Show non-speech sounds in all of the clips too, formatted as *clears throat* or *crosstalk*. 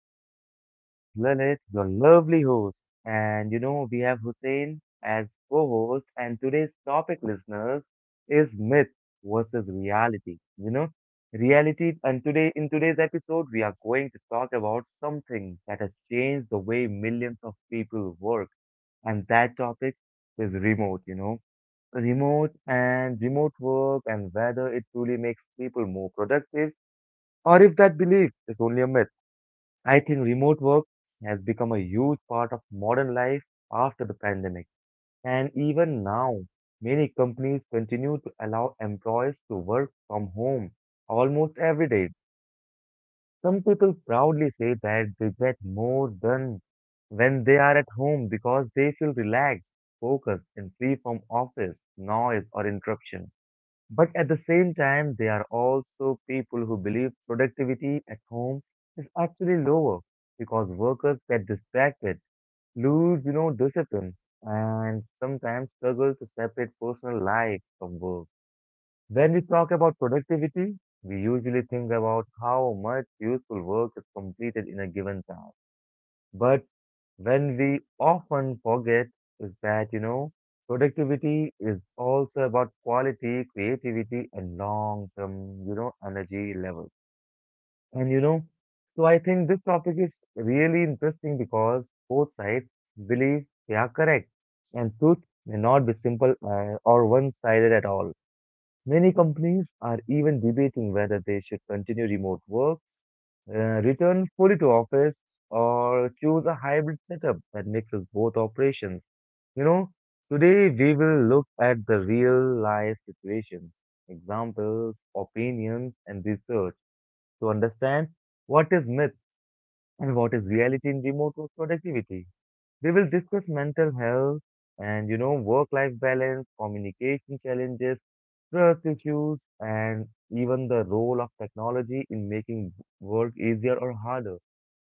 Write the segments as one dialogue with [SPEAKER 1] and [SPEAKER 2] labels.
[SPEAKER 1] doing? My name is Lilith, your lovely host. And we have Hussein as co host. And today's topic, listeners, is myth versus reality. Reality. In today's episode, we are going to talk about something that has changed the way millions of people work, and that topic is remote, you know. Remote and remote work, and whether it truly makes people more productive or if that belief is only a myth. I think remote work has become a huge part of modern life after the pandemic. And even now, many companies continue to allow employees to work from home almost every day. Some people proudly say that they get more done when they are at home because they feel relaxed, focused, and free from office, noise, or interruption. But at the same time, there are also people who believe productivity at home is actually lower because workers get distracted, lose discipline, and sometimes struggle to separate personal life from work. When we talk about productivity, we usually think about how much useful work is completed in a given time. But when we often forget is that productivity is also about quality, creativity, and long term energy levels. And, you know, so I think this topic is really interesting because both sides believe they are correct, and truth may not be simple or one sided at all. Many companies are even debating whether they should continue remote work, return fully to office, or choose a hybrid setup that mixes both operations. You know, Today we will look at the real life situations, examples, opinions, and research to understand what is myth and what is reality in remote work productivity. We will discuss mental health and work life balance, communication challenges, trust issues, and even the role of technology in making work easier or harder.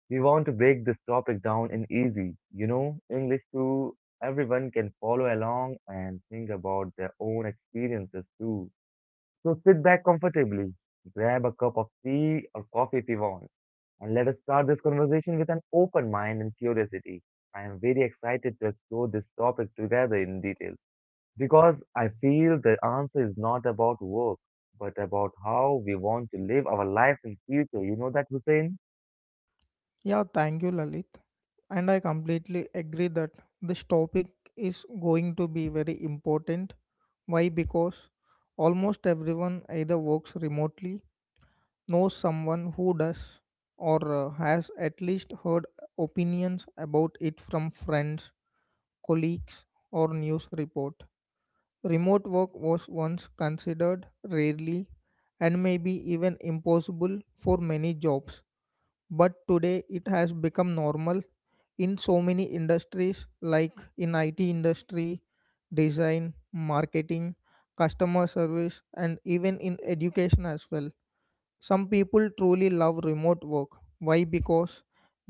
[SPEAKER 1] We want to break this topic down in easy English so everyone can follow along and think about their own experiences too. So sit back comfortably, grab a cup of tea or coffee if you want, and let us start this conversation with an open mind and curiosity. I am very excited to explore this topic together in detail because I feel the answer is not about work, but about how we want to live our life in future. You know that, Hussein?
[SPEAKER 2] Yeah, thank you, Lalit. And I completely agree that this topic is going to be very important. Why? Because almost everyone either works remotely, knows someone who does, or has at least heard opinions about it from friends, colleagues, or news report. Remote work was once considered rarely and maybe even impossible for many jobs, but today it has become normal in so many industries like in IT industry, design, marketing, customer service, and even in education as well. Some people truly love remote work. Why? Because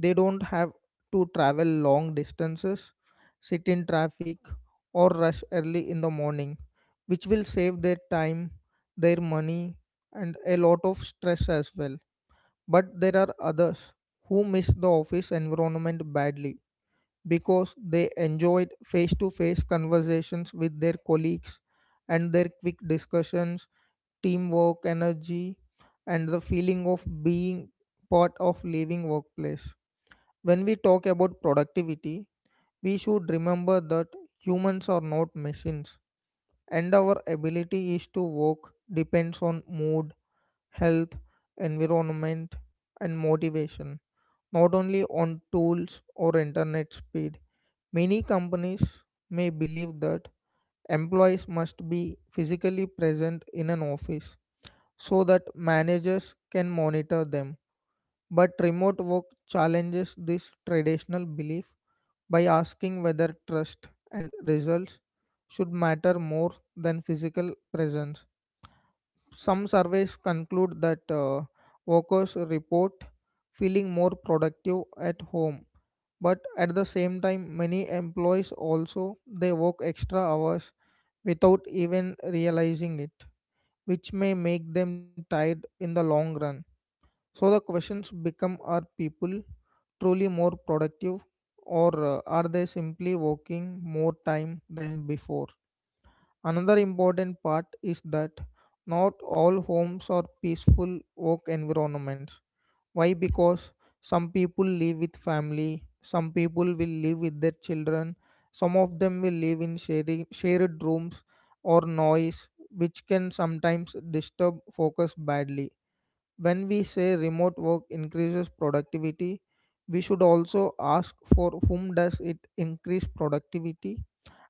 [SPEAKER 2] they don't have to travel long distances, sit in traffic, or rush early in the morning, which will save their time, their money, and a lot of stress as well. But there are others who miss the office environment badly because they enjoyed face to face conversations with their colleagues and their quick discussions, teamwork, energy, and the feeling of being part of living workplace. When we talk about productivity, we should remember that humans are not machines and our ability is to work depends on mood, health, environment, and motivation, not only on tools or internet speed. Many companies may believe that employees must be physically present in an office so that managers can monitor them. But remote work challenges this traditional belief by asking whether trust and results should matter more than physical presence. Some surveys conclude that workers report feeling more productive at home, but at the same time many employees also they work extra hours without even realizing it, which may make them tired in the long run. So the questions become, are people truly more productive, or are they simply working more time than before? Another important part is that not all homes are peaceful work environments. Why? Because some people live with family, some people will live with their children, some of them will live in sharing, shared rooms or noise, which can sometimes disturb focus badly. When we say remote work increases productivity, we should also ask, for whom does it increase productivity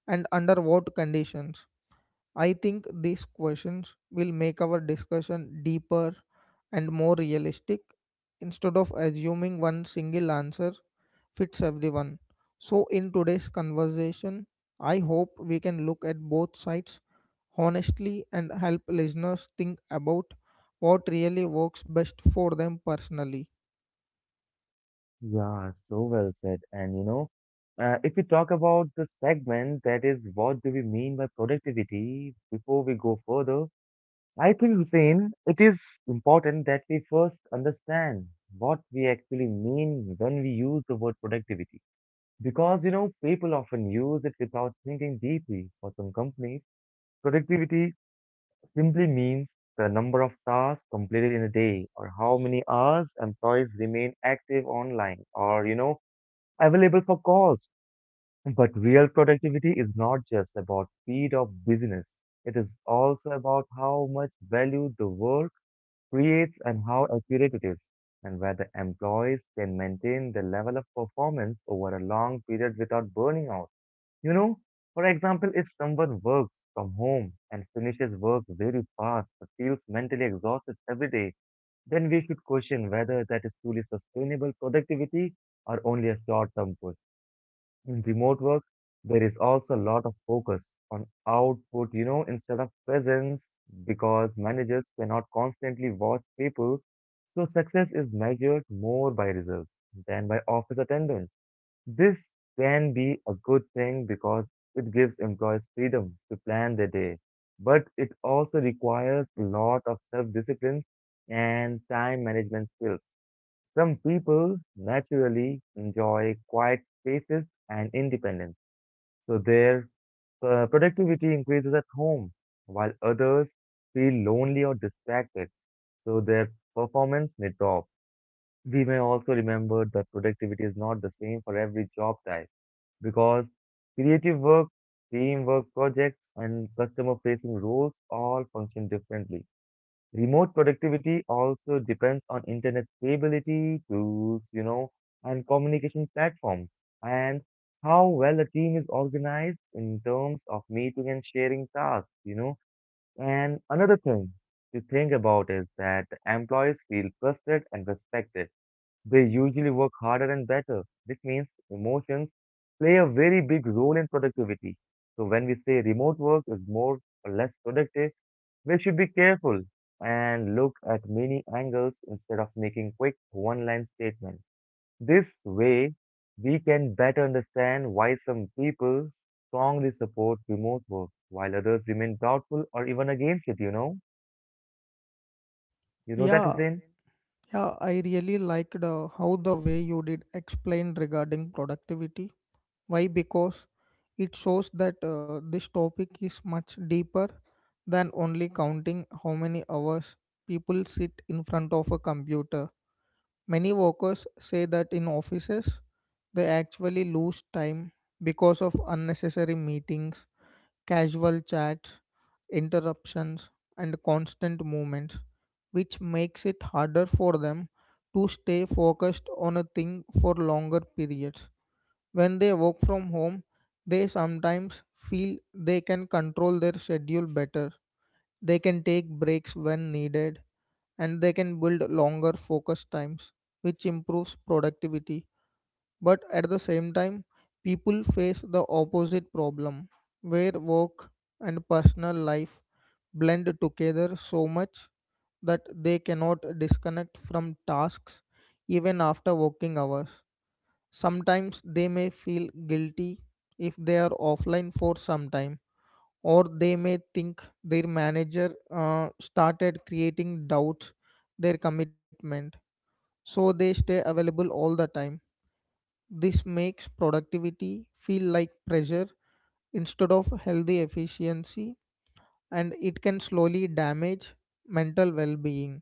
[SPEAKER 2] and under what conditions? I think these questions will make our discussion deeper and more realistic instead of assuming one single answer fits everyone. So, in today's conversation, I hope we can look at both sides honestly and help listeners think about what really works best for them personally.
[SPEAKER 1] Yeah, so well said. And if we talk about the segment, that is, what do we mean by productivity? Before we go further, I think, Hussein, it is important that we first understand what we actually mean when we use the word productivity. Because people often use it without thinking deeply. For some companies, productivity simply means the number of tasks completed in a day, or how many hours employees remain active online or available for calls. But real productivity is not just about speed of business. It is also about how much value the work creates and how accurate it is, and whether employees can maintain the level of performance over a long period without burning out. You know, for example, if someone works from home and finishes work very fast but feels mentally exhausted every day, then we should question whether that is truly sustainable productivity or only a short term push. In remote work, there is also a lot of focus on output, instead of presence, because managers cannot constantly watch people. So success is measured more by results than by office attendance. This can be a good thing because it gives employees freedom to plan their day, but it also requires a lot of self-discipline and time management skills. Some people naturally enjoy quiet spaces and independence, so their productivity increases at home, while others feel lonely or distracted, so their performance may drop. We may also remember that productivity is not the same for every job type because creative work, teamwork projects, and customer facing roles all function differently. Remote productivity also depends on internet stability, tools, and communication platforms, and how well a team is organized in terms of meeting and sharing tasks. And another thing to think about is that employees feel trusted and respected. They usually work harder and better, which means emotions play a very big role in productivity. So when we say remote work is more or less productive, we should be careful and look at many angles instead of making quick one line statements. This way, we can better understand why some people strongly support remote work while others remain doubtful or even against it, you know? You know that,
[SPEAKER 2] Yeah,
[SPEAKER 1] Hussein?
[SPEAKER 2] yeah, I really liked how the way you did explain regarding productivity. Why? Because it shows that this topic is much deeper than only counting how many hours people sit in front of a computer. Many workers say that in offices, they actually lose time because of unnecessary meetings, casual chats, interruptions, and constant movements, which makes it harder for them to stay focused on a thing for longer periods. When they work from home, they sometimes feel they can control their schedule better. They can take breaks when needed and they can build longer focus times, which improves productivity. But at the same time, people face the opposite problem where work and personal life blend together so much that they cannot disconnect from tasks even after working hours. Sometimes they may feel guilty if they are offline for some time, or they may think their manager started creating doubts their commitment, so they stay available all the time. This makes productivity feel like pressure instead of healthy efficiency, and it can slowly damage mental well-being.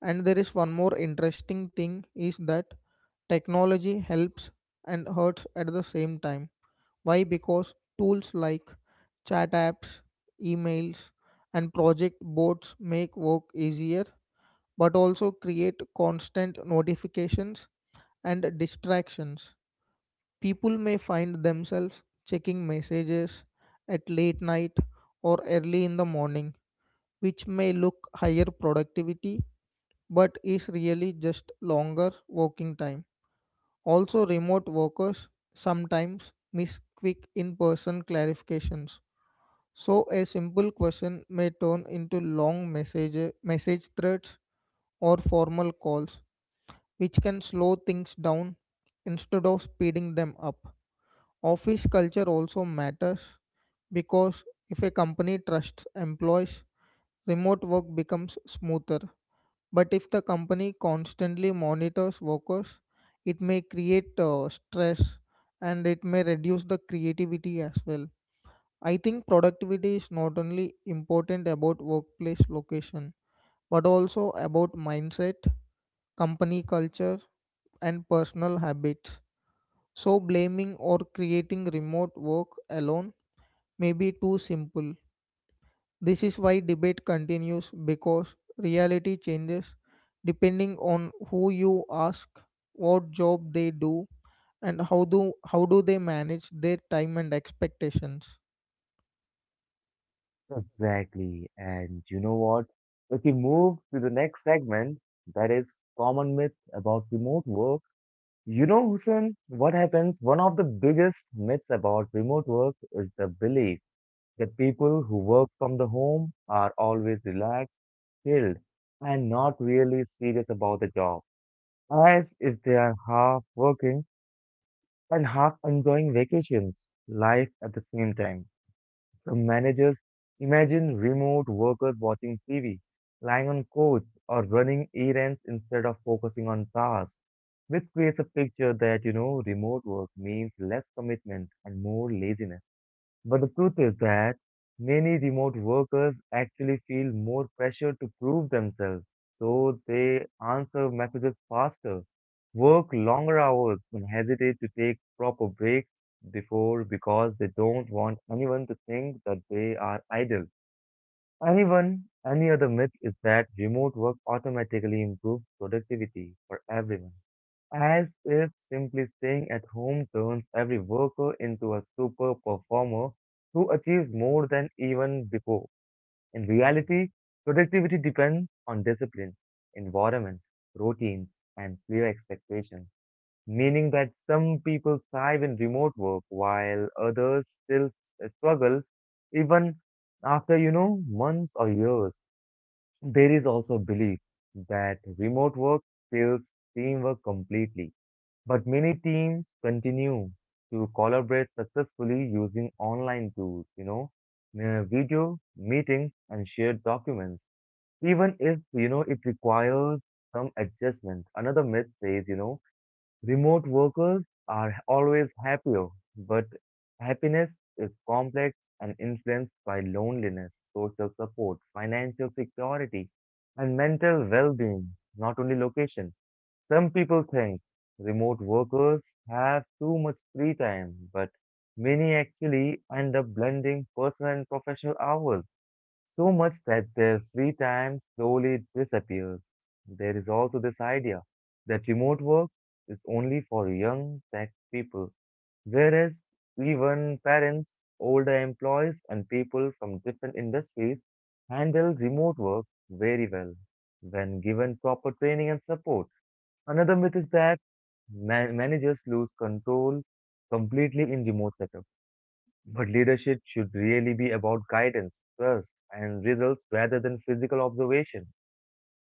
[SPEAKER 2] And there is one more interesting thing is that technology helps and hurts at the same time. Why? Because tools like chat apps, emails, and project boards make work easier but also create constant notifications and distractions. People may find themselves checking messages at late night or early in the morning, which may look higher productivity but is really just longer working time. Also, remote workers sometimes miss quick in person clarifications. So a simple question may turn into long message threads or formal calls, which can slow things down instead of speeding them up. Office culture also matters because if a company trusts employees, remote work becomes smoother. But if the company constantly monitors workers, it may create stress and it may reduce the creativity as well. I think productivity is not only important about workplace location, but also about mindset, company culture, and personal habits. So, blaming or creating remote work alone may be too simple. This is why debate continues because reality changes depending on who you ask, what job they do, and how do they manage their time and expectations.
[SPEAKER 1] Exactly. And you know what? If we move to the next segment, that is common myths about remote work. You know, Hussein, what happens? One of the biggest myths about remote work is the belief that people who work from the home are always relaxed, chilled, and not really serious about the job, as if they are half working and half enjoying vacations, life at the same time. Some managers imagine remote workers watching TV, lying on couch, or running errands instead of focusing on tasks, which creates a picture that remote work means less commitment and more laziness. But the truth is that many remote workers actually feel more pressure to prove themselves, so they answer messages faster, work longer hours, and hesitate to take proper breaks before, because they don't want anyone to think that they are idle. Anyone, any other myth is that remote work automatically improves productivity for everyone, as if simply staying at home turns every worker into a super performer who achieves more than even before. In reality, productivity depends on discipline, environment, routines, and clear expectations, meaning that some people thrive in remote work while others still struggle even after months or years. There is also belief that remote work kills teamwork completely, but many teams continue to collaborate successfully using online tools, video meetings and shared documents, even if it requires some adjustment. Another myth says, remote workers are always happier, but happiness is complex and influenced by loneliness, social support, financial security, and mental well being, not only location. Some people think remote workers have too much free time, but many actually end up blending personal and professional hours so much that their free time slowly disappears. There is also this idea that remote work is only for young tech people, whereas even parents, older employees, and people from different industries handle remote work very well when given proper training and support. Another myth is that managers lose control completely in remote setup, but leadership should really be about guidance, trust, and results rather than physical observation.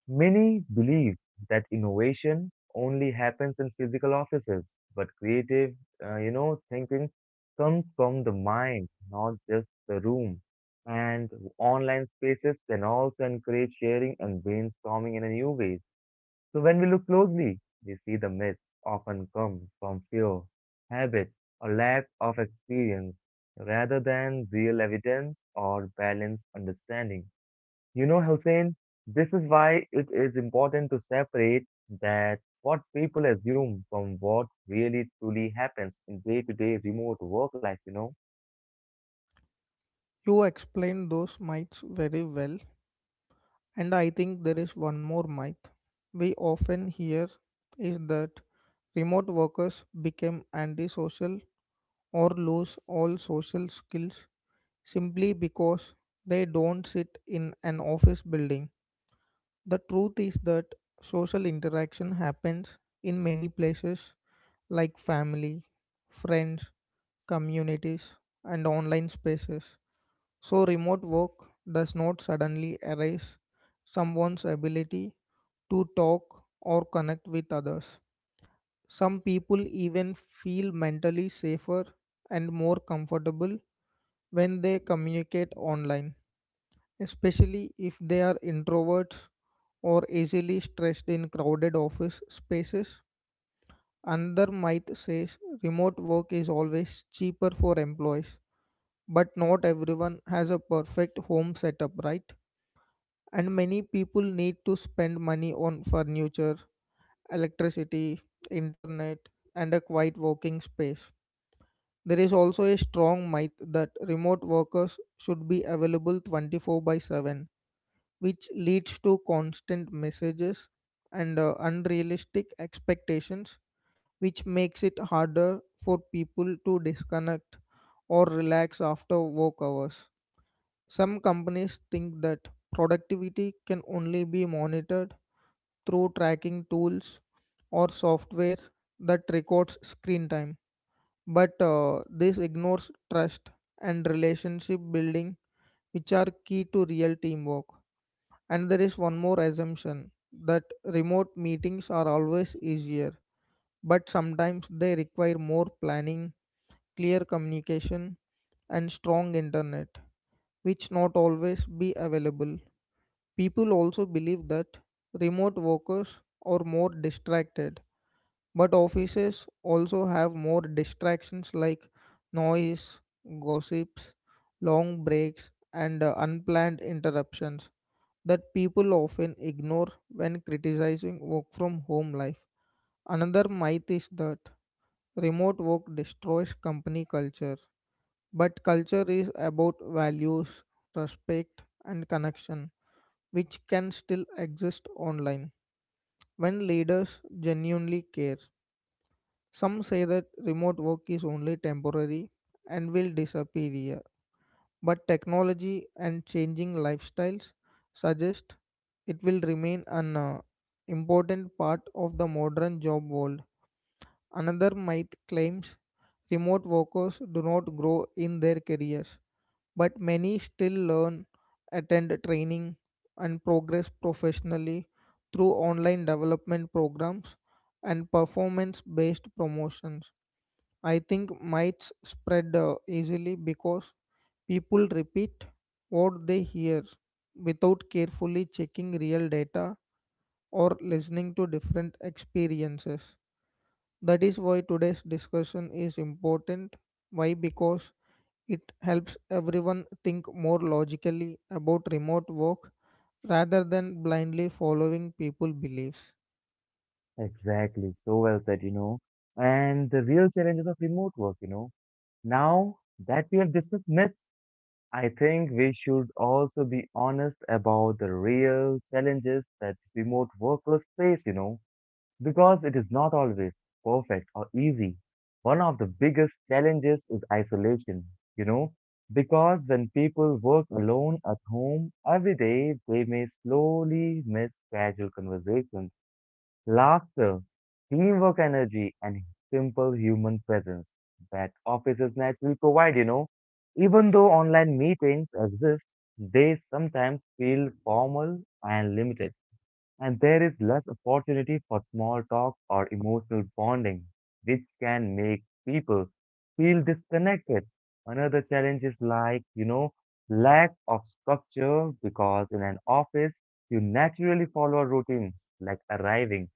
[SPEAKER 1] Many believe that innovation only happens in physical offices, but creative thinking comes from the mind, not just the room. And online spaces can also encourage sharing and brainstorming in a new way. So when we look closely, we see the myths often come from fear, habit, or lack of experience rather than real evidence or balanced understanding. Hussein, this is why it is important to separate that what people assume from what really truly happens in day-to-day remote work life.
[SPEAKER 2] You explained those mites very well. And I think there is one more myth we often hear is that remote workers become antisocial or lose all social skills simply because they don't sit in an office building. The truth is that social interaction happens in many places like family, friends, communities, and online spaces. So, remote work does not suddenly erase someone's ability to talk or connect with others. Some people even feel mentally safer and more comfortable when they communicate online, especially if they are introverts or easily stressed in crowded office spaces. Another might say remote work is always cheaper for employees, but not everyone has a perfect home setup, right? And many people need to spend money on furniture, electricity, internet, and a quiet working space. There is also a strong myth that remote workers should be available 24 by 7, which leads to constant messages and unrealistic expectations, which makes it harder for people to disconnect or relax after work hours. Some companies think that productivity can only be monitored through tracking tools or software that records screen time. But this ignores trust and relationship building, which are key to real teamwork. And there is one more assumption that remote meetings are always easier, but sometimes they require more planning, clear communication, and strong internet, which not always be available. People also believe that remote workers are more distracted. But offices also have more distractions like noise, gossips, long breaks, and unplanned interruptions that people often ignore when criticizing work from home life. Another myth is that remote work destroys company culture, but culture is about values, respect, and connection, which can still exist online when leaders genuinely care. Some say that remote work is only temporary and will disappear, but technology and changing lifestyles suggest it will remain an important part of the modern job world. Another myth claims remote workers do not grow in their careers, but many still learn, attend training, and progress professionally through online development programs and performance based promotions. I think myths spread easily because people repeat what they hear without carefully checking real data or listening to different experiences. That is why today's discussion is important. Why? Because it helps everyone think more logically about remote work rather than blindly following people beliefs.
[SPEAKER 1] Exactly, so well said. And the real challenges of remote work. Now that we have discussed myths, I think we should also be honest about the real challenges that remote workers face, because it is not always perfect or easy. One of the biggest challenges is isolation, you know, because when people work alone at home every day, they may slowly miss casual conversations, laughter, teamwork energy, and simple human presence that offices naturally provide. Even though online meetings exist, they sometimes feel formal and limited, and there is less opportunity for small talk or emotional bonding, which can make people feel disconnected. Another challenge is lack of structure, because in an office, you naturally follow a routine like arriving,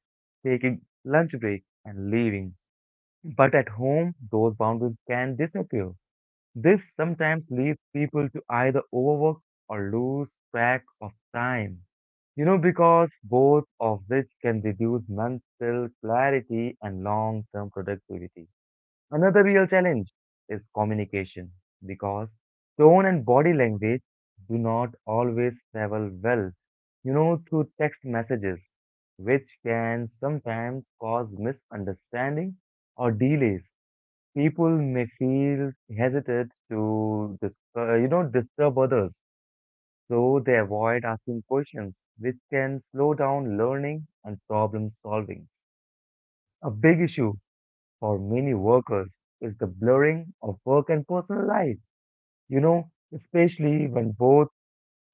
[SPEAKER 1] taking lunch break, and leaving. But at home, those boundaries can disappear. This sometimes leads people to either overwork or lose track of time, because both of which can reduce mental clarity and long term productivity. Another real challenge is communication, because tone and body language do not always travel well, through text messages, which can sometimes cause misunderstanding or delays. People may feel hesitant to disturb others, so they avoid asking questions, which can slow down learning and problem solving. A big issue for many workers is the blurring of work and personal life, especially when both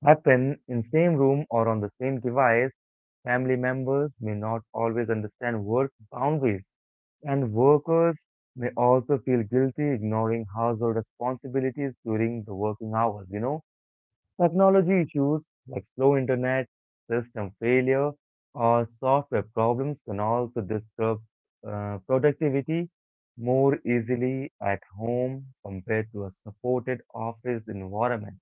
[SPEAKER 1] happen in same room or on the same device. Family members may not always understand work boundaries, and workers may also feel guilty ignoring household responsibilities during the working hours. Technology issues like slow internet, system failure, or software problems can also disrupt productivity more easily at home compared to a supported office environment.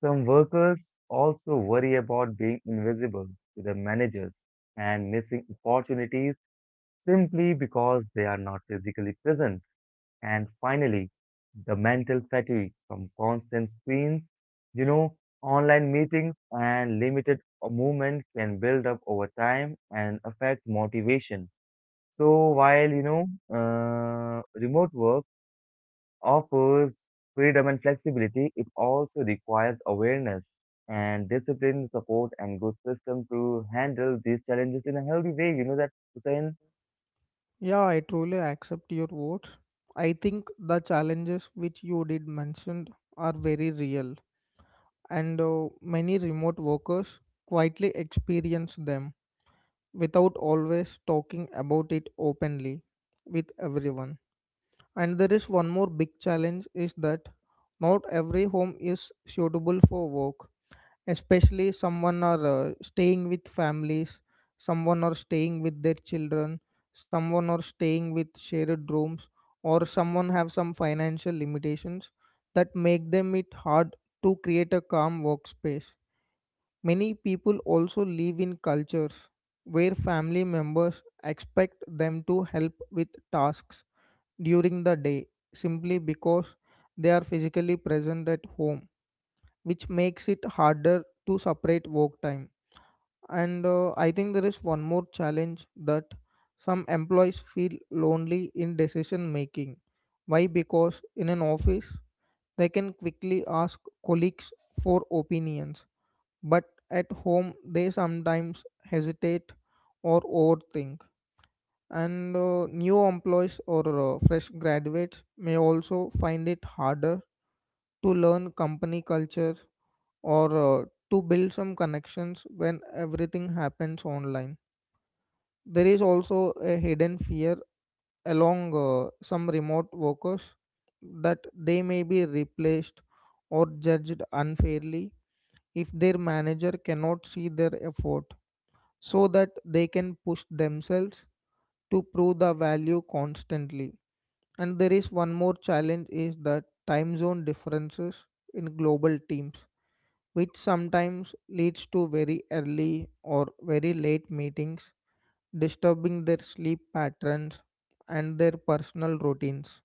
[SPEAKER 1] Some workers also worry about being invisible to their managers and missing opportunities simply because they are not physically present. And finally, the mental fatigue from constant screens, you know, online meetings and limited movement can build up over time and affect motivation. So while remote work offers freedom and flexibility, it also requires awareness and discipline, support, and good system to handle these challenges in a healthy way. You know that, Hussein?
[SPEAKER 2] Yeah, I truly accept your votes. I think the challenges which you did mention are very real, and many remote workers quietly experience them without always talking about it openly with everyone. And there is one more big challenge is that not every home is suitable for work, especially someone are staying with families, someone are staying with their children, someone are staying with shared rooms, or someone have some financial limitations that make them it hard to create a calm workspace. Many people also live in cultures where family members expect them to help with tasks during the day simply because they are physically present at home, which makes it harder to separate work time. And I think there is one more challenge that some employees feel lonely in decision making. Why? Because in an office, they can quickly ask colleagues for opinions, but at home, they sometimes hesitate or overthink. And new employees or fresh graduates may also find it harder to learn company culture or to build some connections when everything happens online. There is also a hidden fear along some remote workers that they may be replaced or judged unfairly if their manager cannot see their effort so that they can push themselves to prove the value constantly. And there is one more challenge is that time zone differences in global teams, which sometimes leads to very early or very late meetings, disturbing their sleep patterns and their personal routines.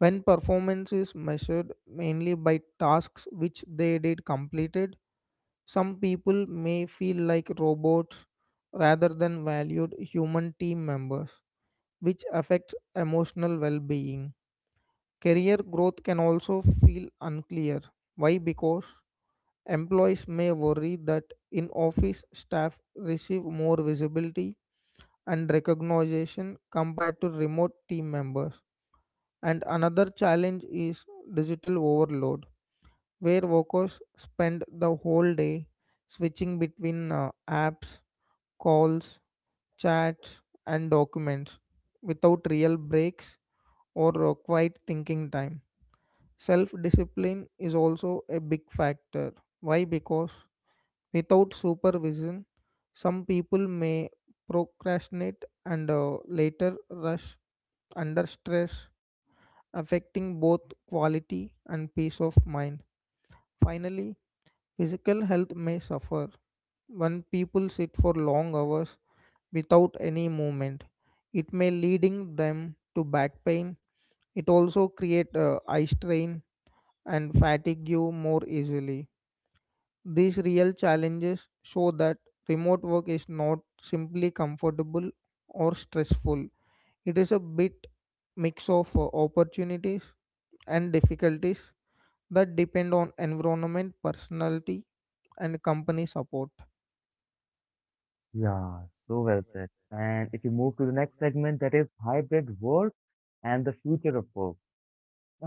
[SPEAKER 2] When performance is measured mainly by tasks which they did completed, some people may feel like robots rather than valued human team members, which affects emotional well being. Career growth can also feel unclear. Why? Because employees may worry that in office staff receive more visibility and recognition compared to remote team members. And another challenge is digital overload, where workers spend the whole day switching between apps, calls, chats, and documents without real breaks or quiet thinking time. Self discipline is also a big factor. Why? Because without supervision, some people may procrastinate and later rush under stress, affecting both quality and peace of mind. Finally, physical health may suffer. When people sit for long hours without any movement, it may leading them to back pain. It also create eye strain and fatigue you more easily. These real challenges show that remote work is not simply comfortable or stressful. It is a bit mix of opportunities and difficulties that depend on environment, personality, and company support.
[SPEAKER 1] Yeah, so well said. And if you move to the next segment, that is hybrid work and the future of work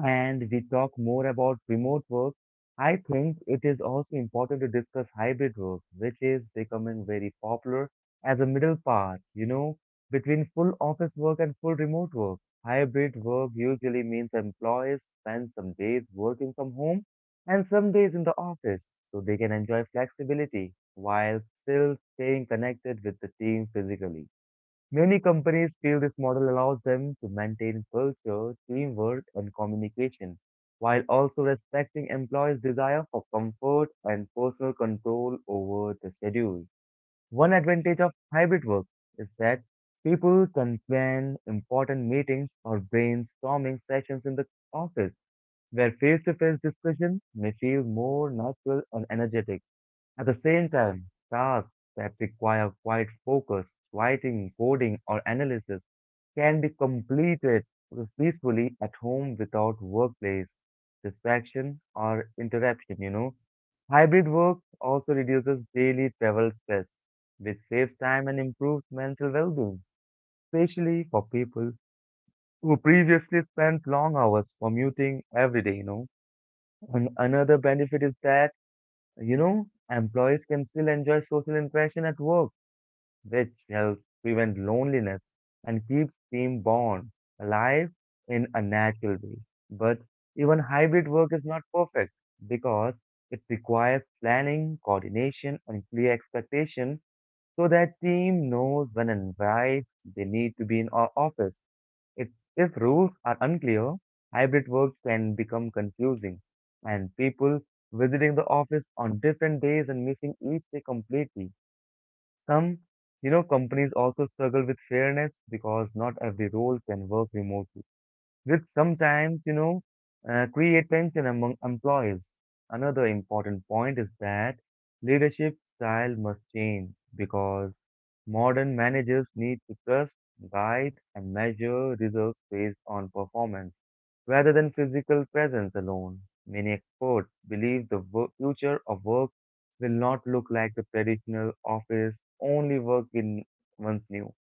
[SPEAKER 1] and we talk more about remote work, I think it is also important to discuss hybrid work, which is becoming very popular as a middle path, between full office work and full remote work. Hybrid work usually means employees spend some days working from home and some days in the office so they can enjoy flexibility while still staying connected with the team physically. Many companies feel this model allows them to maintain culture, teamwork, and communication, while also respecting employees' desire for comfort and personal control over the schedule. One advantage of hybrid work is that people can plan important meetings or brainstorming sessions in the office, where face-to-face discussion may feel more natural and energetic. At the same time, tasks that require quiet focus, writing, coding, or analysis can be completed peacefully at home without workplace distraction or interruption. Hybrid work also reduces daily travel stress, which saves time and improves mental well-being, especially for people who previously spent long hours commuting every day. And another benefit is that employees can still enjoy social interaction at work which helps prevent loneliness and keeps team bond alive in a natural way. But even hybrid work is not perfect because it requires planning, coordination, and clear expectation so that team knows when and why they need to be in our office. If, if rules are unclear, hybrid work can become confusing and people visiting the office on different days and missing each day completely. Some companies also struggle with fairness because not every role can work remotely, which sometimes create tension among employees. Another important point is that leadership style must change because modern managers need to trust, guide, and measure results based on performance rather than physical presence alone. Many experts believe the future of work will not look like the traditional office only work in once knew,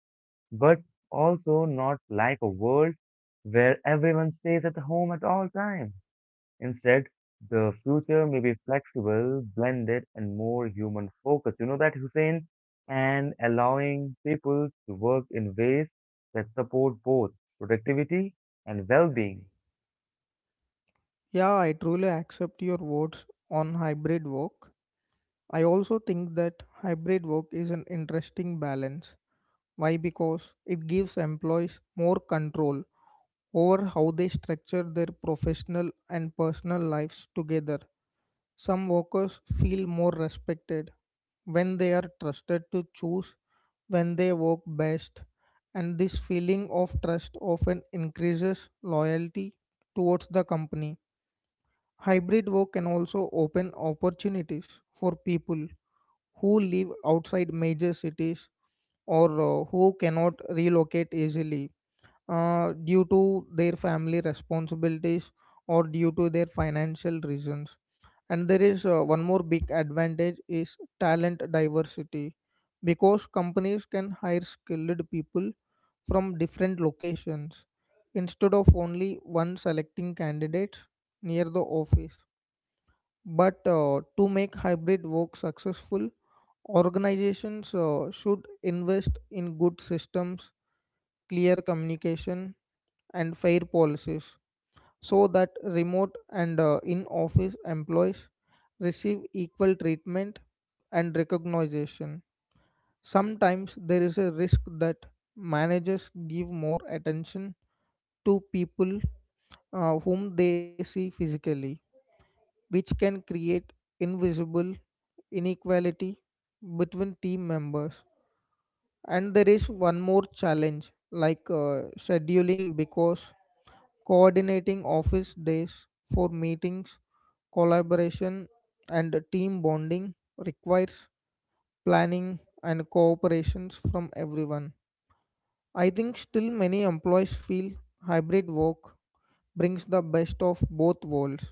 [SPEAKER 1] but also not like a world where everyone stays at home at all times. Instead, the future may be flexible, blended, and more human focused. You know that, Hussein? And allowing people to work in ways that support both productivity and well being.
[SPEAKER 2] Yeah, I truly accept your words on hybrid work. I also think that hybrid work is an interesting balance. Why? Because it gives employees more control over how they structure their professional and personal lives together. Some workers feel more respected when they are trusted to choose when they work best, and this feeling of trust often increases loyalty towards the company. Hybrid work can also open opportunities for people who live outside major cities or who cannot relocate easily due to their family responsibilities or due to their financial reasons, and there is one more big advantage is talent diversity, because companies can hire skilled people from different locations instead of only one selecting candidates near the office. But to make hybrid work successful, organizations should invest in good systems, clear communication, and fair policies so that remote and in office employees receive equal treatment and recognition. Sometimes there is a risk that managers give more attention to people whom they see physically, which can create invisible inequality between team members. And there is one more challenge like scheduling, because coordinating office days for meetings, collaboration, and team bonding requires planning and cooperations from everyone. I think still many employees feel hybrid work brings the best of both worlds,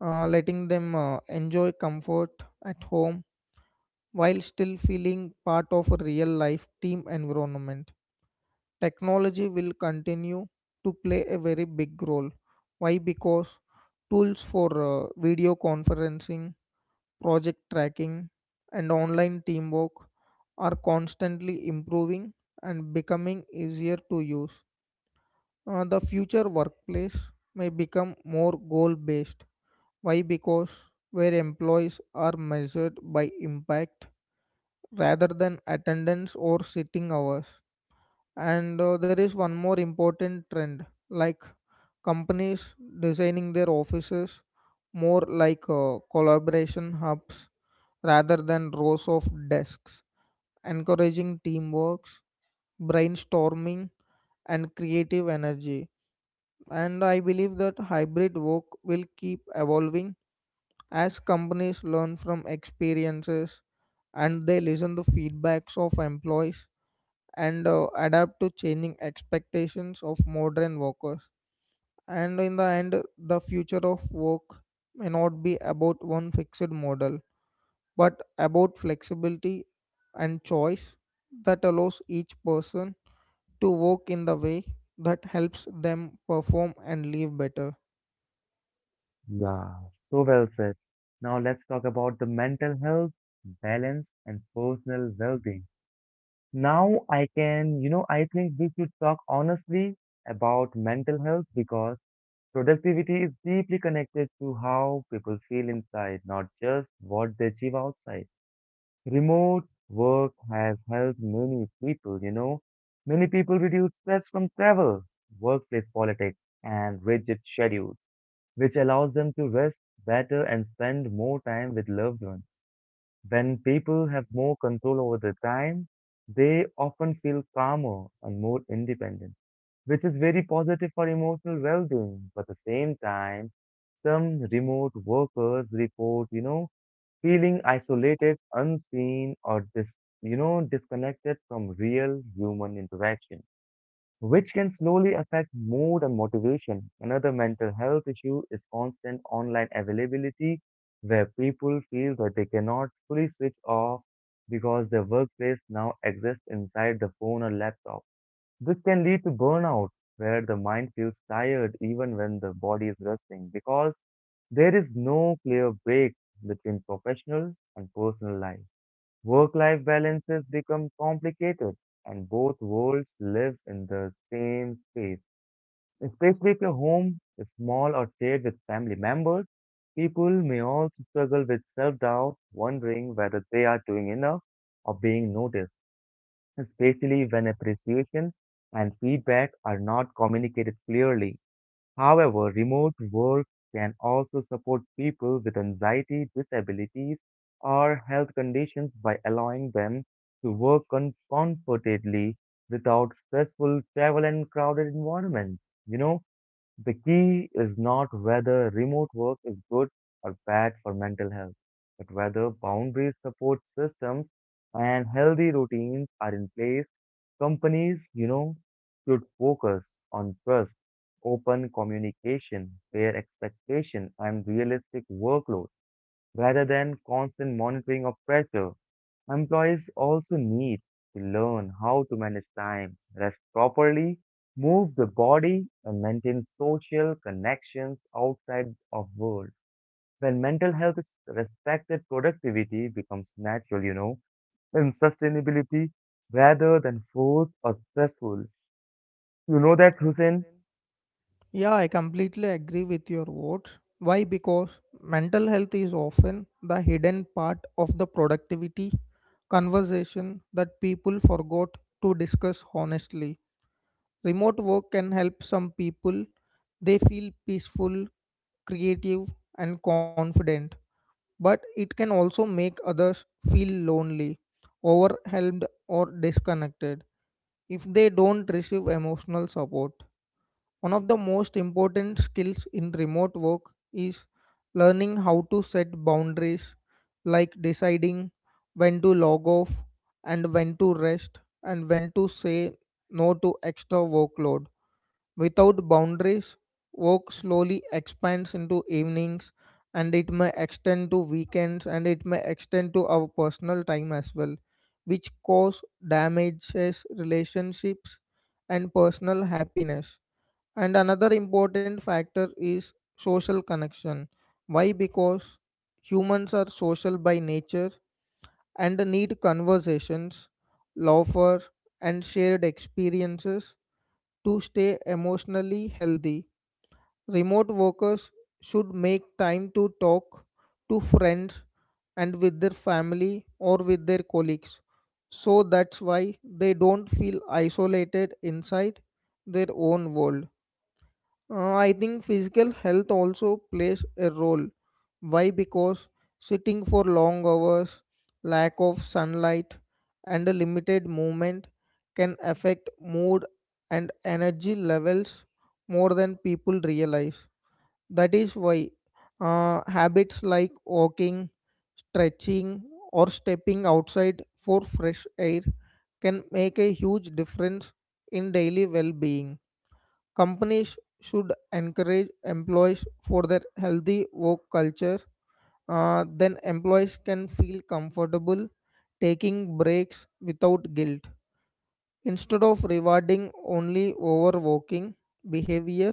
[SPEAKER 2] letting them enjoy comfort at home while still feeling part of a real life team environment. Technology will continue to play a very big role. Why? Because tools for video conferencing, project tracking, and online teamwork are constantly improving and becoming easier to use. The future workplace may become more goal based. Why? Because where employees are measured by impact rather than attendance or sitting hours. And there is one more important trend like companies designing their offices more like collaboration hubs rather than rows of desks, encouraging teamwork, brainstorming, and creative energy. And I believe that hybrid work will keep evolving as companies learn from experiences and they listen to feedbacks of employees and adapt to changing expectations of modern workers. And in the end, the future of work may not be about one fixed model, but about flexibility and choice that allows each person to work in the way that helps them perform and live better.
[SPEAKER 1] Yeah, so well said. Now let's talk about the mental health, balance, and personal well-being. Now I can, I think we should talk honestly about mental health because productivity is deeply connected to how people feel inside, not just what they achieve outside. Remote work has helped many people, you know. Many people reduce stress from travel, workplace politics, and rigid schedules, which allows them to rest better and spend more time with loved ones. When people have more control over their time, they often feel calmer and more independent, which is very positive for emotional well-being. But at the same time, some remote workers report feeling isolated, unseen, or disconnected from real human interaction, which can slowly affect mood and motivation. Another mental health issue is constant online availability, where people feel that they cannot fully switch off because their workplace now exists inside the phone or laptop. This can lead to burnout, where the mind feels tired even when the body is resting, because there is no clear break between professional and personal life. Work life balances become complicated, and both worlds live in the same space. Especially if your home is small or shared with family members, people may also struggle with self doubt, wondering whether they are doing enough or being noticed, especially when appreciation and feedback are not communicated clearly. However, remote work can also support people with anxiety, disabilities, or health conditions by allowing them to work comfortably without stressful travel and crowded environments. You know, the key is not whether remote work is good or bad for mental health, but whether boundary support systems and healthy routines are in place. Companies should focus on trust, open communication, fair expectation, and realistic workload rather than constant monitoring of pressure. Employees also need to learn how to manage time, rest properly, move the body, and maintain social connections outside of work. When mental health is respected, productivity becomes natural, and sustainability rather than forced or stressful. You know that, Hussein?
[SPEAKER 2] Yeah, I completely agree with your words. Why? Because mental health is often the hidden part of the productivity conversation that people forgot to discuss honestly. Remote work can help some people. They feel peaceful, creative, and confident, but it can also make others feel lonely, overwhelmed, or disconnected if they don't receive emotional support. One of the most important skills in remote work is learning how to set boundaries, like deciding when to log off and when to rest and when to say no to extra workload. Without boundaries, work slowly expands into evenings and it may extend to weekends and it may extend to our personal time as well, which cause damages relationships and personal happiness. And another important factor is social connection. Why? Because humans are social by nature and need conversations, laughter, and shared experiences to stay emotionally healthy. Remote workers should make time to talk to friends and with their family or with their colleagues. So that's why they don't feel isolated inside their own world. I think physical health also plays a role. Why? Because sitting for long hours, lack of sunlight, and a limited movement can affect mood and energy levels more than people realize. That is why habits like walking, stretching, or stepping outside for fresh air can make a huge difference in daily well being. Companies should encourage employees for their healthy work culture. Then employees can feel comfortable taking breaks without guilt. Instead of rewarding only overworking behavior,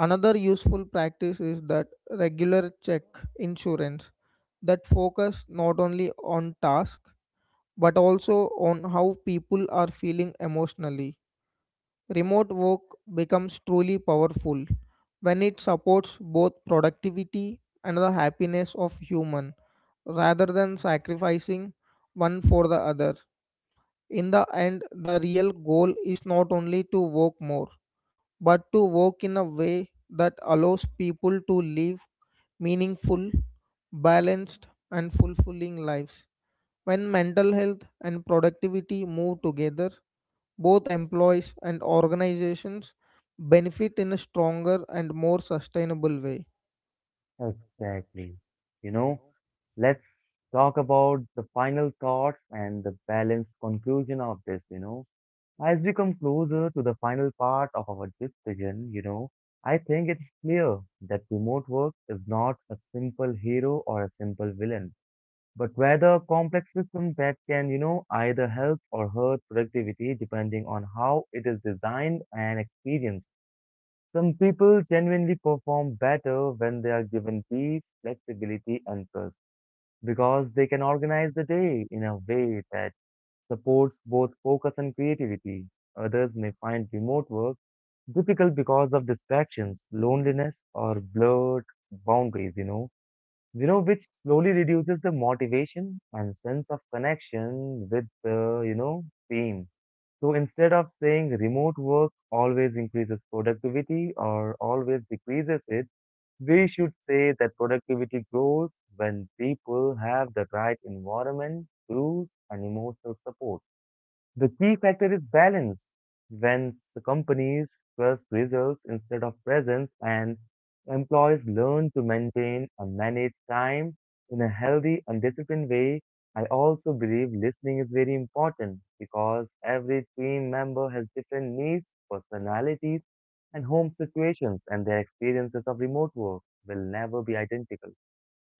[SPEAKER 2] another useful practice is that regular check insurance that focus not only on task but also on how people are feeling emotionally. Remote work becomes truly powerful when it supports both productivity and the happiness of human rather than sacrificing one for the other. In the end, the real goal is not only to work more, but to work in a way that allows people to live meaningful, balanced, and fulfilling lives. When mental health and productivity move together, both employees and organizations benefit in a stronger and more sustainable way.
[SPEAKER 1] Exactly. You know, let's talk about the final thoughts and the balanced conclusion of this. As we come closer to the final part of our discussion, I think it's clear that remote work is not a simple hero or a simple villain, but rather a complex system that can either help or hurt productivity depending on how it is designed and experienced. Some people genuinely perform better when they are given peace, flexibility, and trust because they can organize the day in a way that supports both focus and creativity. Others may find remote work difficult because of distractions, loneliness, or blurred boundaries, which slowly reduces the motivation and sense of connection with the team. So instead of saying remote work always increases productivity or always decreases it, we should say that productivity grows when people have the right environment, tools, and emotional support. The key factor is balance. When the companies trust results instead of presence and employees learn to maintain and manage time in a healthy and disciplined way, I also believe listening is very important because every team member has different needs, personalities, and home situations, and their experiences of remote work will never be identical.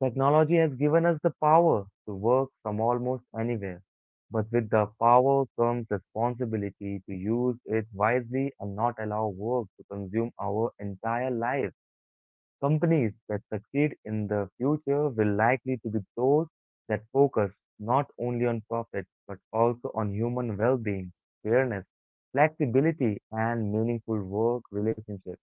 [SPEAKER 1] Technology has given us the power to work from almost anywhere, but with the power comes responsibility to use it wisely and not allow work to consume our entire lives. Companies that succeed in the future will likely to be those that focus not only on profit but also on human well-being, fairness, flexibility, and meaningful work relationships.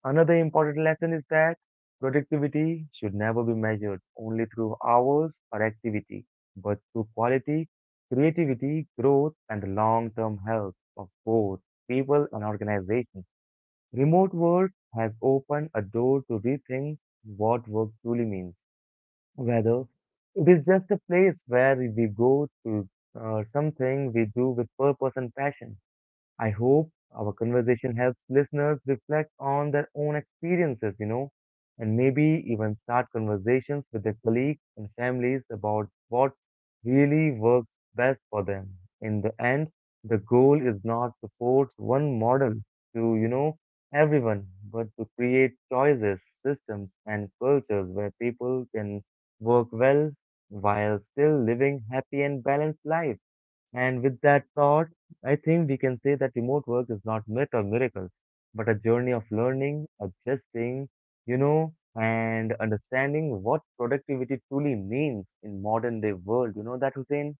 [SPEAKER 1] Another important lesson is that productivity should never be measured only through hours or activity, but through quality, creativity, growth, and the long-term health of both people and organizations. Remote work has opened a door to rethink what work truly means, whether it is just a place where we go to something we do with purpose and passion. I hope our conversation helps listeners reflect on their own experiences, and maybe even start conversations with their colleagues and families about what really works best for them. In the end, the goal is not to force one model to everyone, but to create choices, systems, and cultures where people can work well while still living happy and balanced lives. And with that thought, I think we can say that remote work is not myth or miracles, but a journey of learning, adjusting, and understanding what productivity truly means in modern day world. You know that, Hussein?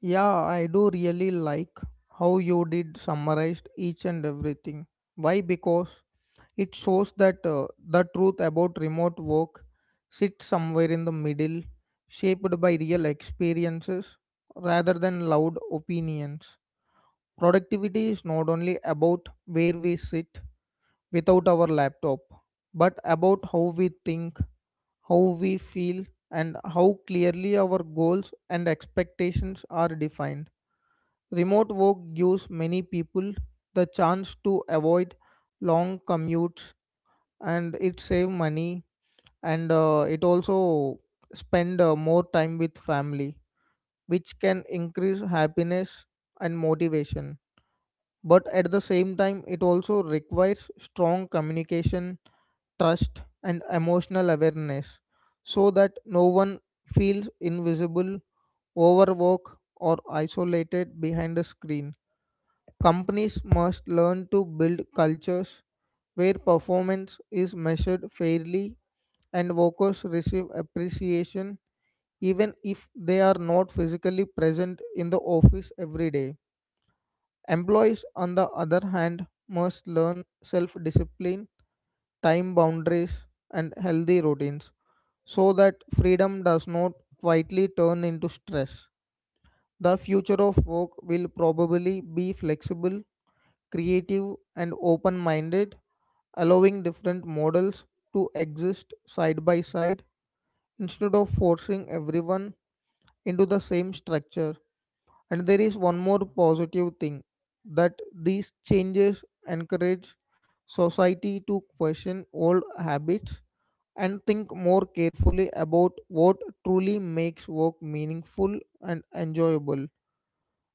[SPEAKER 2] Yeah, I do really like how you did summarized each and everything. Why? Because it shows that the truth about remote work sits somewhere in the middle, shaped by real experiences rather than loud opinions. Productivity is not only about where we sit without our laptop, but about how we think, how we feel, and how clearly our goals and expectations are defined. Remote work gives many people the chance to avoid long commutes and it saves money and it also spend more time with family, which can increase happiness and motivation. But at the same time it also requires strong communication, trust, and emotional awareness so that no one feels invisible, overworked, or isolated behind a screen. Companies must learn to build cultures where performance is measured fairly and workers receive appreciation even if they are not physically present in the office every day. Employees, on the other hand, must learn self discipline, time boundaries, and healthy routines so that freedom does not quietly turn into stress. The future of work will probably be flexible, creative, and open minded, allowing different models to exist side by side instead of forcing everyone into the same structure. And there is one more positive thing, that these changes encourage society to question old habits and think more carefully about what truly makes work meaningful and enjoyable.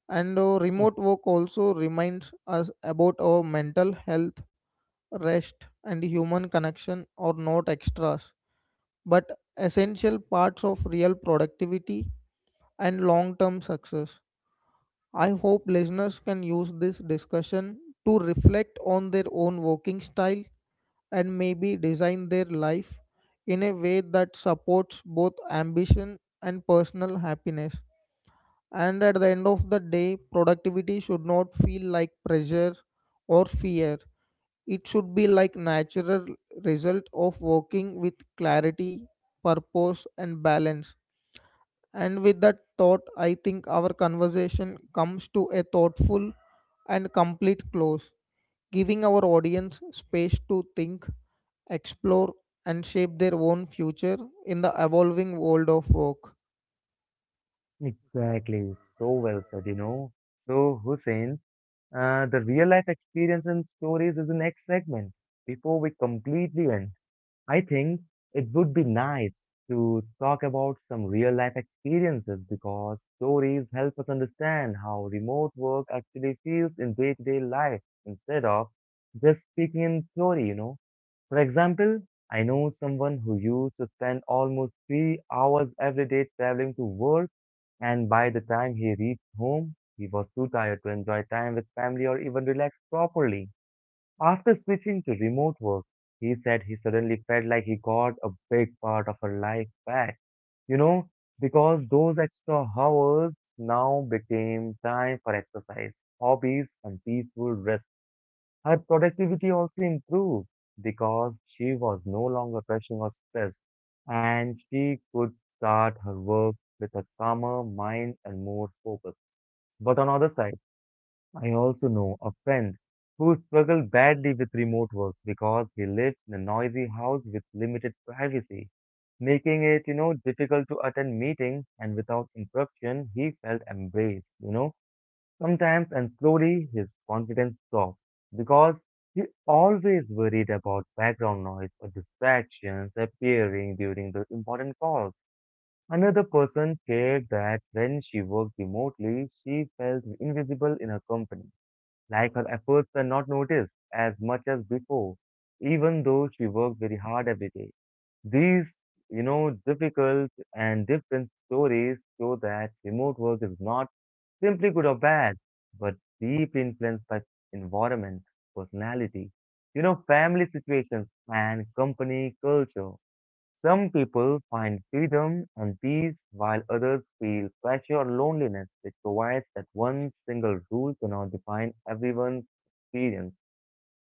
[SPEAKER 2] And
[SPEAKER 1] Ex-
[SPEAKER 2] remote work also reminds us about our mental health, rest, and human connection are not extras, but essential parts of real productivity and long term success. I hope listeners can use this discussion to reflect on their own working style and maybe design their life in a way that supports both ambition and personal happiness. And at the end of the day, productivity should not feel like pressure or fear. It should be like natural result of working with clarity, purpose, and balance. And with that thought, I think our conversation comes to a thoughtful and complete close, giving our audience space to think, explore, and shape their own future in the evolving world of work.
[SPEAKER 1] Exactly. So well said, you know. So, Hussein, the real life experience and stories is the next segment. Before we completely end, I think it would be nice to talk about some real life experiences because stories help us understand how remote work actually feels in day to day life instead of just speaking in theory, you know. For example, I know someone who used to spend almost 3 hours every day traveling to work, and by the time he reached home, he was too tired to enjoy time with family or even relax properly. After switching to remote work, he said he suddenly felt like he got a big part of her life back, you know, because those extra hours now became time for exercise, hobbies, and peaceful rest. Her productivity also improved because she was no longer rushing or stressed, and she could start her work with a calmer mind and more focus. But on the other side, I also know a friend who struggled badly with remote work because he lives in a noisy house with limited privacy, making it difficult to attend meetings and without interruption, he felt embraced, you know. Sometimes and slowly his confidence dropped because he always worried about background noise or distractions appearing during the important calls. Another person shared that when she worked remotely, she felt invisible in her company like her efforts were not noticed as much as before, even though she worked very hard every day. These, difficult and different stories show that remote work is not simply good or bad, but deeply influenced by environment, personality, family situations, and company culture. Some people find freedom and peace while others feel pressure or loneliness, which provides that one single rule cannot define everyone's experience.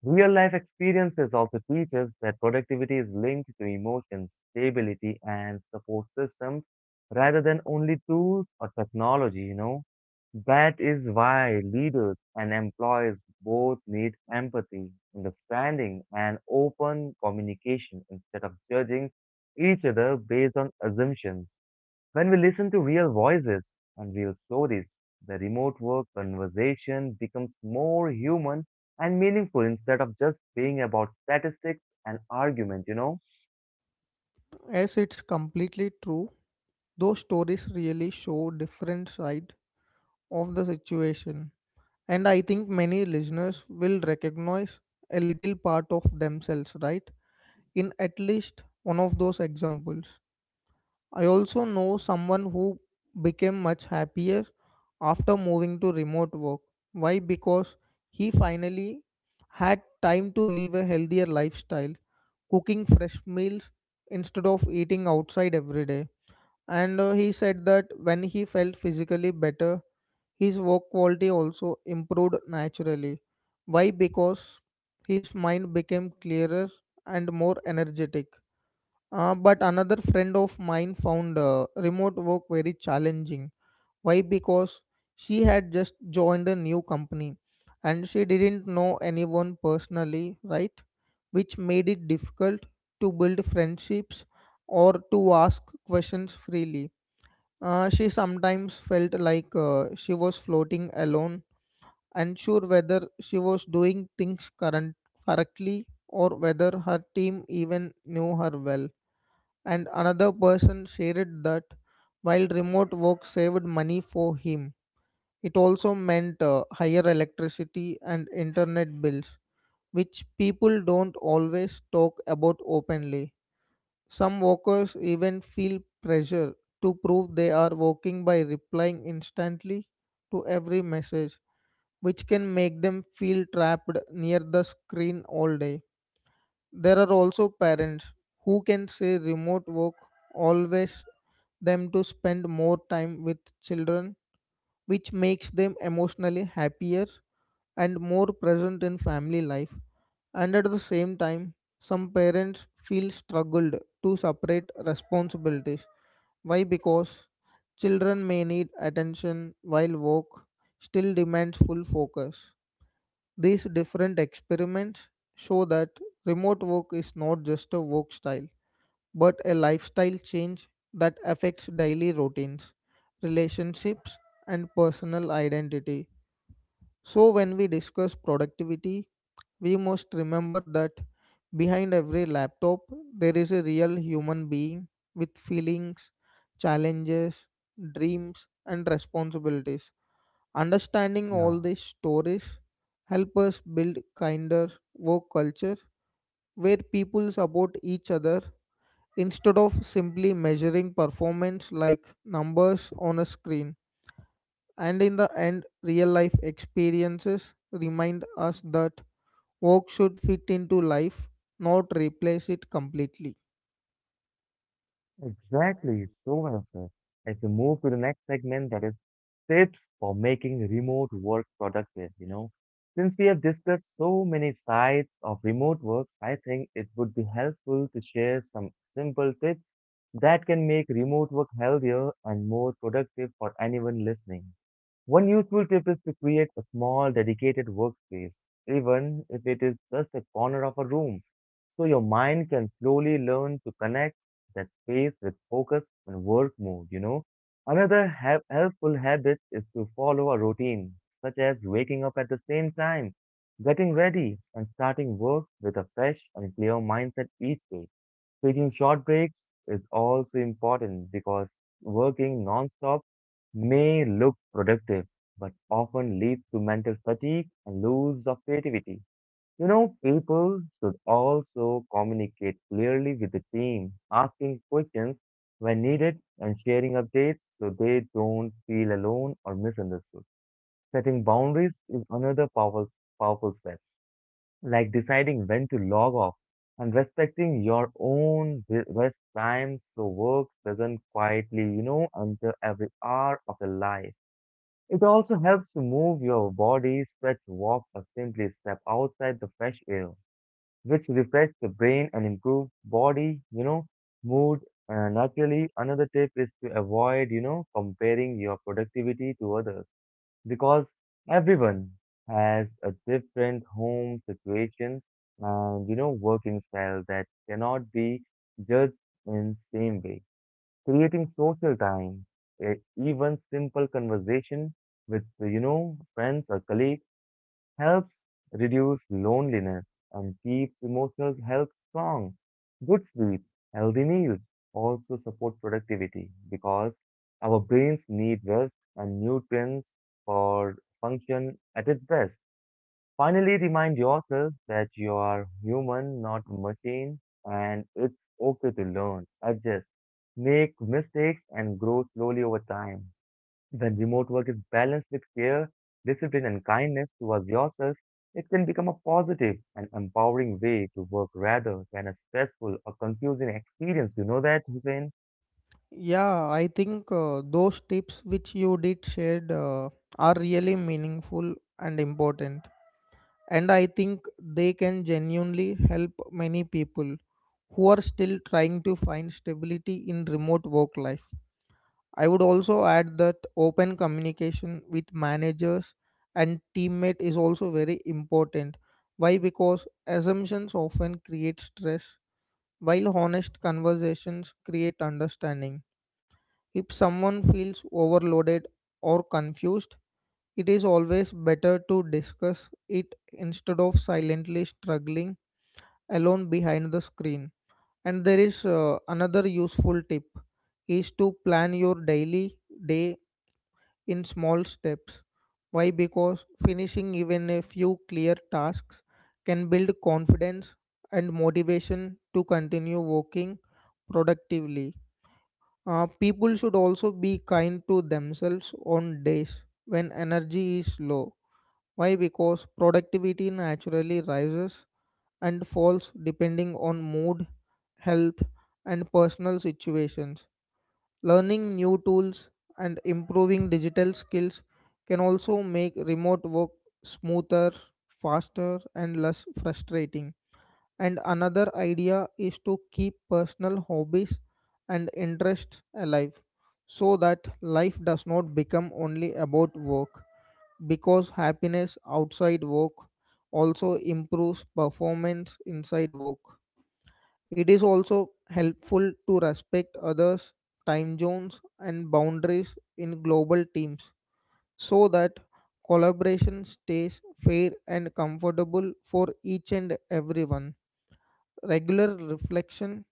[SPEAKER 1] Real life experiences also teach us that productivity is linked to emotions, stability, and support systems rather than only tools or technology. That is why leaders and employees both need empathy, understanding, and open communication instead of judging each other based on assumptions. When we listen to real voices and real stories, the remote work conversation becomes more human and meaningful instead of just being about statistics and argument.
[SPEAKER 2] As it's completely true, those stories really show different sides of the situation. And I think many listeners will recognize a little part of themselves, right? In at least one of those examples. I also know someone who became much happier after moving to remote work. Why? Because he finally had time to live a healthier lifestyle, cooking fresh meals instead of eating outside every day. And he said that when he felt physically better, his work quality also improved naturally. Why? Because his mind became clearer and more energetic. But another friend of mine found remote work very challenging. Why? Because she had just joined a new company and she didn't know anyone personally, right? Which made it difficult to build friendships or to ask questions freely. She sometimes felt like she was floating alone, unsure whether she was doing things current correctly or whether her team even knew her well. And another person shared that while remote work saved money for him, it also meant higher electricity and internet bills, which people don't always talk about openly. Some workers even feel pressure to prove they are working by replying instantly to every message, which can make them feel trapped near the screen all day. There are also parents who can say remote work always them to spend more time with children, which makes them emotionally happier and more present in family life. And at the same time, some parents feel struggled to separate responsibilities. Why? Because children may need attention while work still demands full focus. These different experiments show that remote work is not just a work style, but a lifestyle change that affects daily routines, relationships, and personal identity. So, when we discuss productivity, we must remember that behind every laptop, there is a real human being with feelings, challenges, dreams, and responsibilities. Understanding
[SPEAKER 1] Yeah,
[SPEAKER 2] all these stories help us build kinder work culture where people support each other instead of simply measuring performance like numbers on a screen. And in the end, real life experiences remind us that work should fit into life, not replace it completely.
[SPEAKER 1] exactly. So well said. If we move to the next segment, that is tips for making remote work productive. Since we have discussed so many sides of remote work, I think it would be helpful to share some simple tips that can make remote work healthier and more productive for anyone listening. One useful tip is to create a small dedicated workspace, even if it is just a corner of a room, so your mind can slowly learn to connect that space with focus and work mode. Another helpful habit is to follow a routine, such as waking up at the same time, getting ready, and starting work with a fresh and clear mindset each day. Taking short breaks is also important because working non-stop may look productive, but often leads to mental fatigue and loss of creativity. You know, people should also communicate clearly with the team, asking questions when needed and sharing updates so they don't feel alone or misunderstood. Setting boundaries is another powerful step like deciding when to log off and respecting your own rest time so work doesn't quietly, enter every hour of the life. It also helps to move your body, stretch, walk, or simply step outside the fresh air, which refresh the brain and improve body, mood. Naturally, another tip is to avoid, comparing your productivity to others because everyone has a different home situation and working style that cannot be judged in same way creating social time even simple conversation with friends or colleagues helps reduce loneliness and keeps emotional health strong. Good sleep, healthy meals also support productivity because our brains need rest and nutrients for function at its best. Finally, remind yourself that you are human, not a machine, and it's okay to learn, adjust, make mistakes, and grow slowly over time. When remote work is balanced with care, discipline, and kindness towards yourself, it can become a positive and empowering way to work rather than a stressful or confusing experience. You know that, Hussein?
[SPEAKER 2] Yeah, I think those tips which you did shared are really meaningful and important. And I think they can genuinely help many people who are still trying to find stability in remote work life. I would also add that open communication with managers and teammate is also very important. Why? Because assumptions often create stress, while honest conversations create understanding. If someone feels overloaded or confused, it is always better to discuss it instead of silently struggling alone behind the screen. And there is another useful tip is to plan your daily day in small steps. Why? Because finishing even a few clear tasks can build confidence and motivation to continue working productively. People should also be kind to themselves on days when energy is low. Why? Because productivity naturally rises and falls depending on mood, health, and personal situations. Learning new tools and improving digital skills can also make remote work smoother, faster, and less frustrating. And another idea is to keep personal hobbies and interests alive so that life does not become only about work because happiness outside work also improves performance inside work. It is also helpful to respect others' time zones and boundaries in global teams so that collaboration stays fair and comfortable for each and everyone. Regular reflection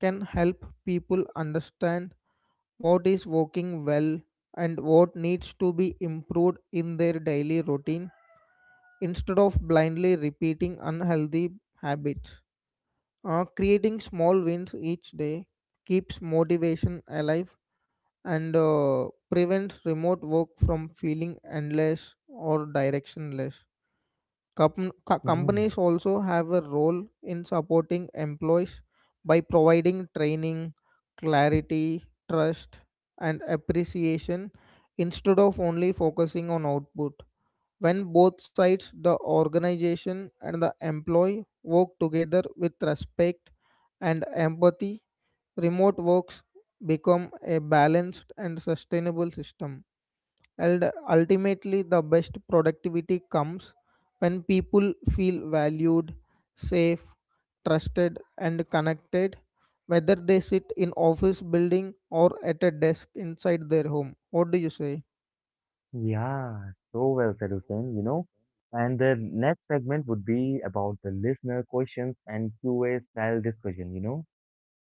[SPEAKER 2] can help people understand what is working well and what needs to be improved in their daily routine instead of blindly repeating unhealthy habits. Creating small wins each day keeps motivation alive and prevents remote work from feeling endless or directionless.
[SPEAKER 1] Mm,
[SPEAKER 2] Companies also have a role in supporting employees by providing training, clarity, trust, and appreciation instead of only focusing on output. When both sides, the organization and the employee, work together with respect and empathy, remote works become a balanced and sustainable system. And ultimately, the best productivity comes when people feel valued, safe, trusted, and connected, whether they sit in office building or at a desk inside their home. What do you say?
[SPEAKER 1] yeah, so well said, Hussein. And the next segment would be about the listener questions and Q&A style discussion, you know.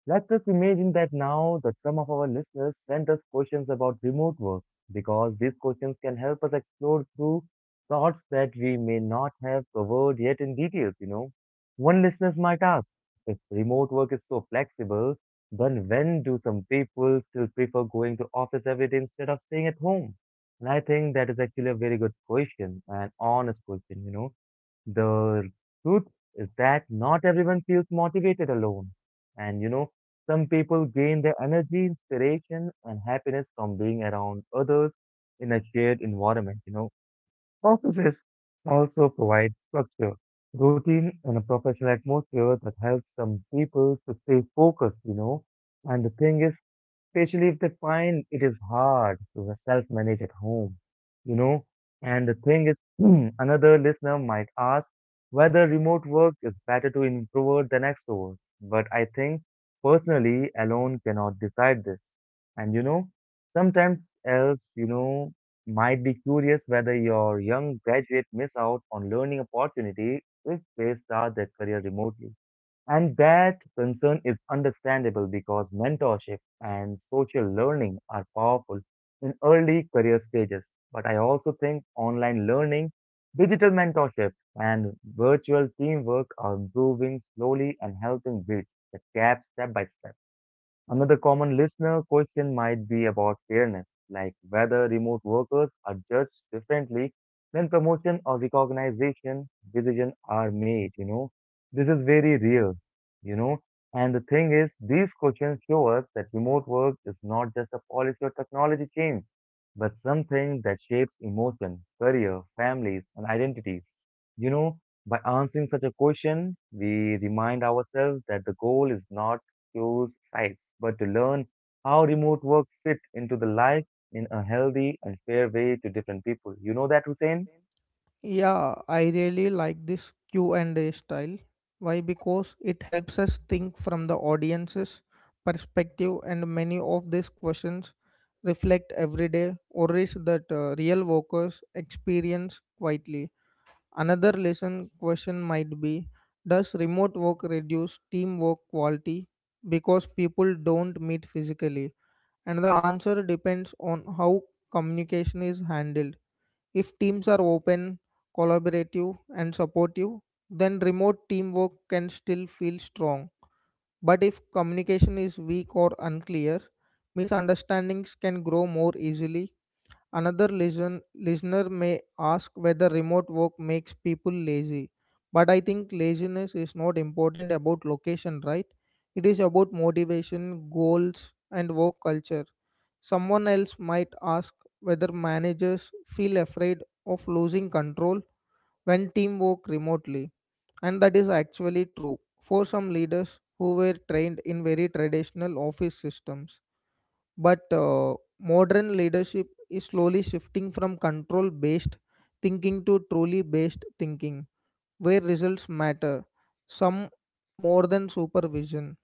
[SPEAKER 1] Let us imagine that now that some of our listeners send us questions about remote work because these questions can help us explore through thoughts that we may not have covered yet in details. One listener might ask, if remote work is so flexible, then when do some people still prefer going to office every day instead of staying at home? And I think that is actually a very good question, an honest question. The truth is that not everyone feels motivated alone. And you know, some people gain their energy, inspiration, and happiness from being around others in a shared environment. Processes also provide structure, routine, and a professional atmosphere that helps some people to stay focused. And the thing is, especially if they find it is hard to self-manage at home, you know. And the thing is, *clears throat* another listener might ask whether remote work is better to introvert than extrovert. But I think personally, alone cannot decide this. And sometimes else, might be curious whether your young graduate miss out on learning opportunity if they start their career remotely. And that concern is understandable because mentorship and social learning are powerful in early career stages. But I also think online learning, digital mentorship, and virtual teamwork are improving slowly and helping bridge the gap step by step. Another common listener question might be about fairness, like whether remote workers are judged differently when promotion or recognition decisions are made. This is very real, you know. And the thing is, these questions show us that remote work is not just a policy or technology change, but something that shapes emotion, career, families, and identities. You know, by answering such a question, we remind ourselves that the goal is not to choose sides, but to learn how remote work fit into the life in a healthy and fair way to different people. You know that, Hussein?
[SPEAKER 2] Yeah, I really like this Q&A style. Why? Because it helps us think from the audience's perspective and many of these questions reflect everyday worries that real workers experience quietly. Another lesson question might be, does remote work reduce teamwork quality because people don't meet physically? And the answer depends on how communication is handled. If teams are open, collaborative, and supportive, then remote teamwork can still feel strong. But if communication is weak or unclear, misunderstandings can grow more easily. Listener may ask whether remote work makes people lazy. But I think laziness is not important about location, right? It is about motivation, goals, and work culture. Someone else might ask whether managers feel afraid of losing control when team work remotely, and that is actually true for some leaders who were trained in very traditional office systems. But modern leadership is slowly shifting from control based thinking to truly based thinking, where results matter, some more than supervision.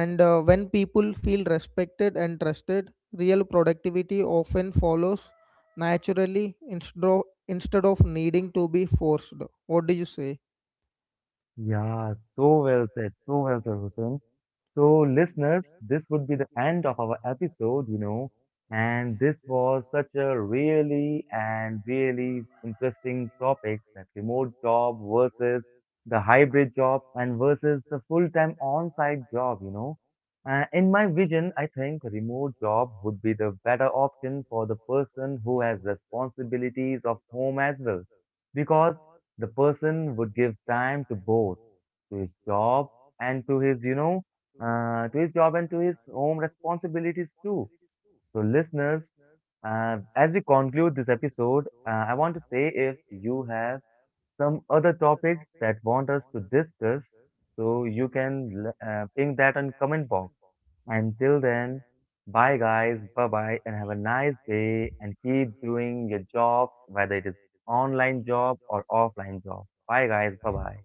[SPEAKER 2] And when people feel respected and trusted, real productivity often follows naturally instead of needing to be forced. What do you say?
[SPEAKER 1] Yeah, so well said, Hussein. So, listeners, this would be the end of our episode, and this was such a really and really interesting topic that remote job versus the hybrid job and versus the full-time on-site job. In my vision, I think remote job would be the better option for the person who has responsibilities of home as well, because the person would give time to both to his job and to his job and to his home responsibilities too. So, listeners, as we conclude this episode, I want to say if you have some other topics that want us to discuss, so you can ping that on comment box. Until then, bye guys, bye bye, and have a nice day. And keep doing your jobs, whether it is online job or offline job. Bye guys, bye bye.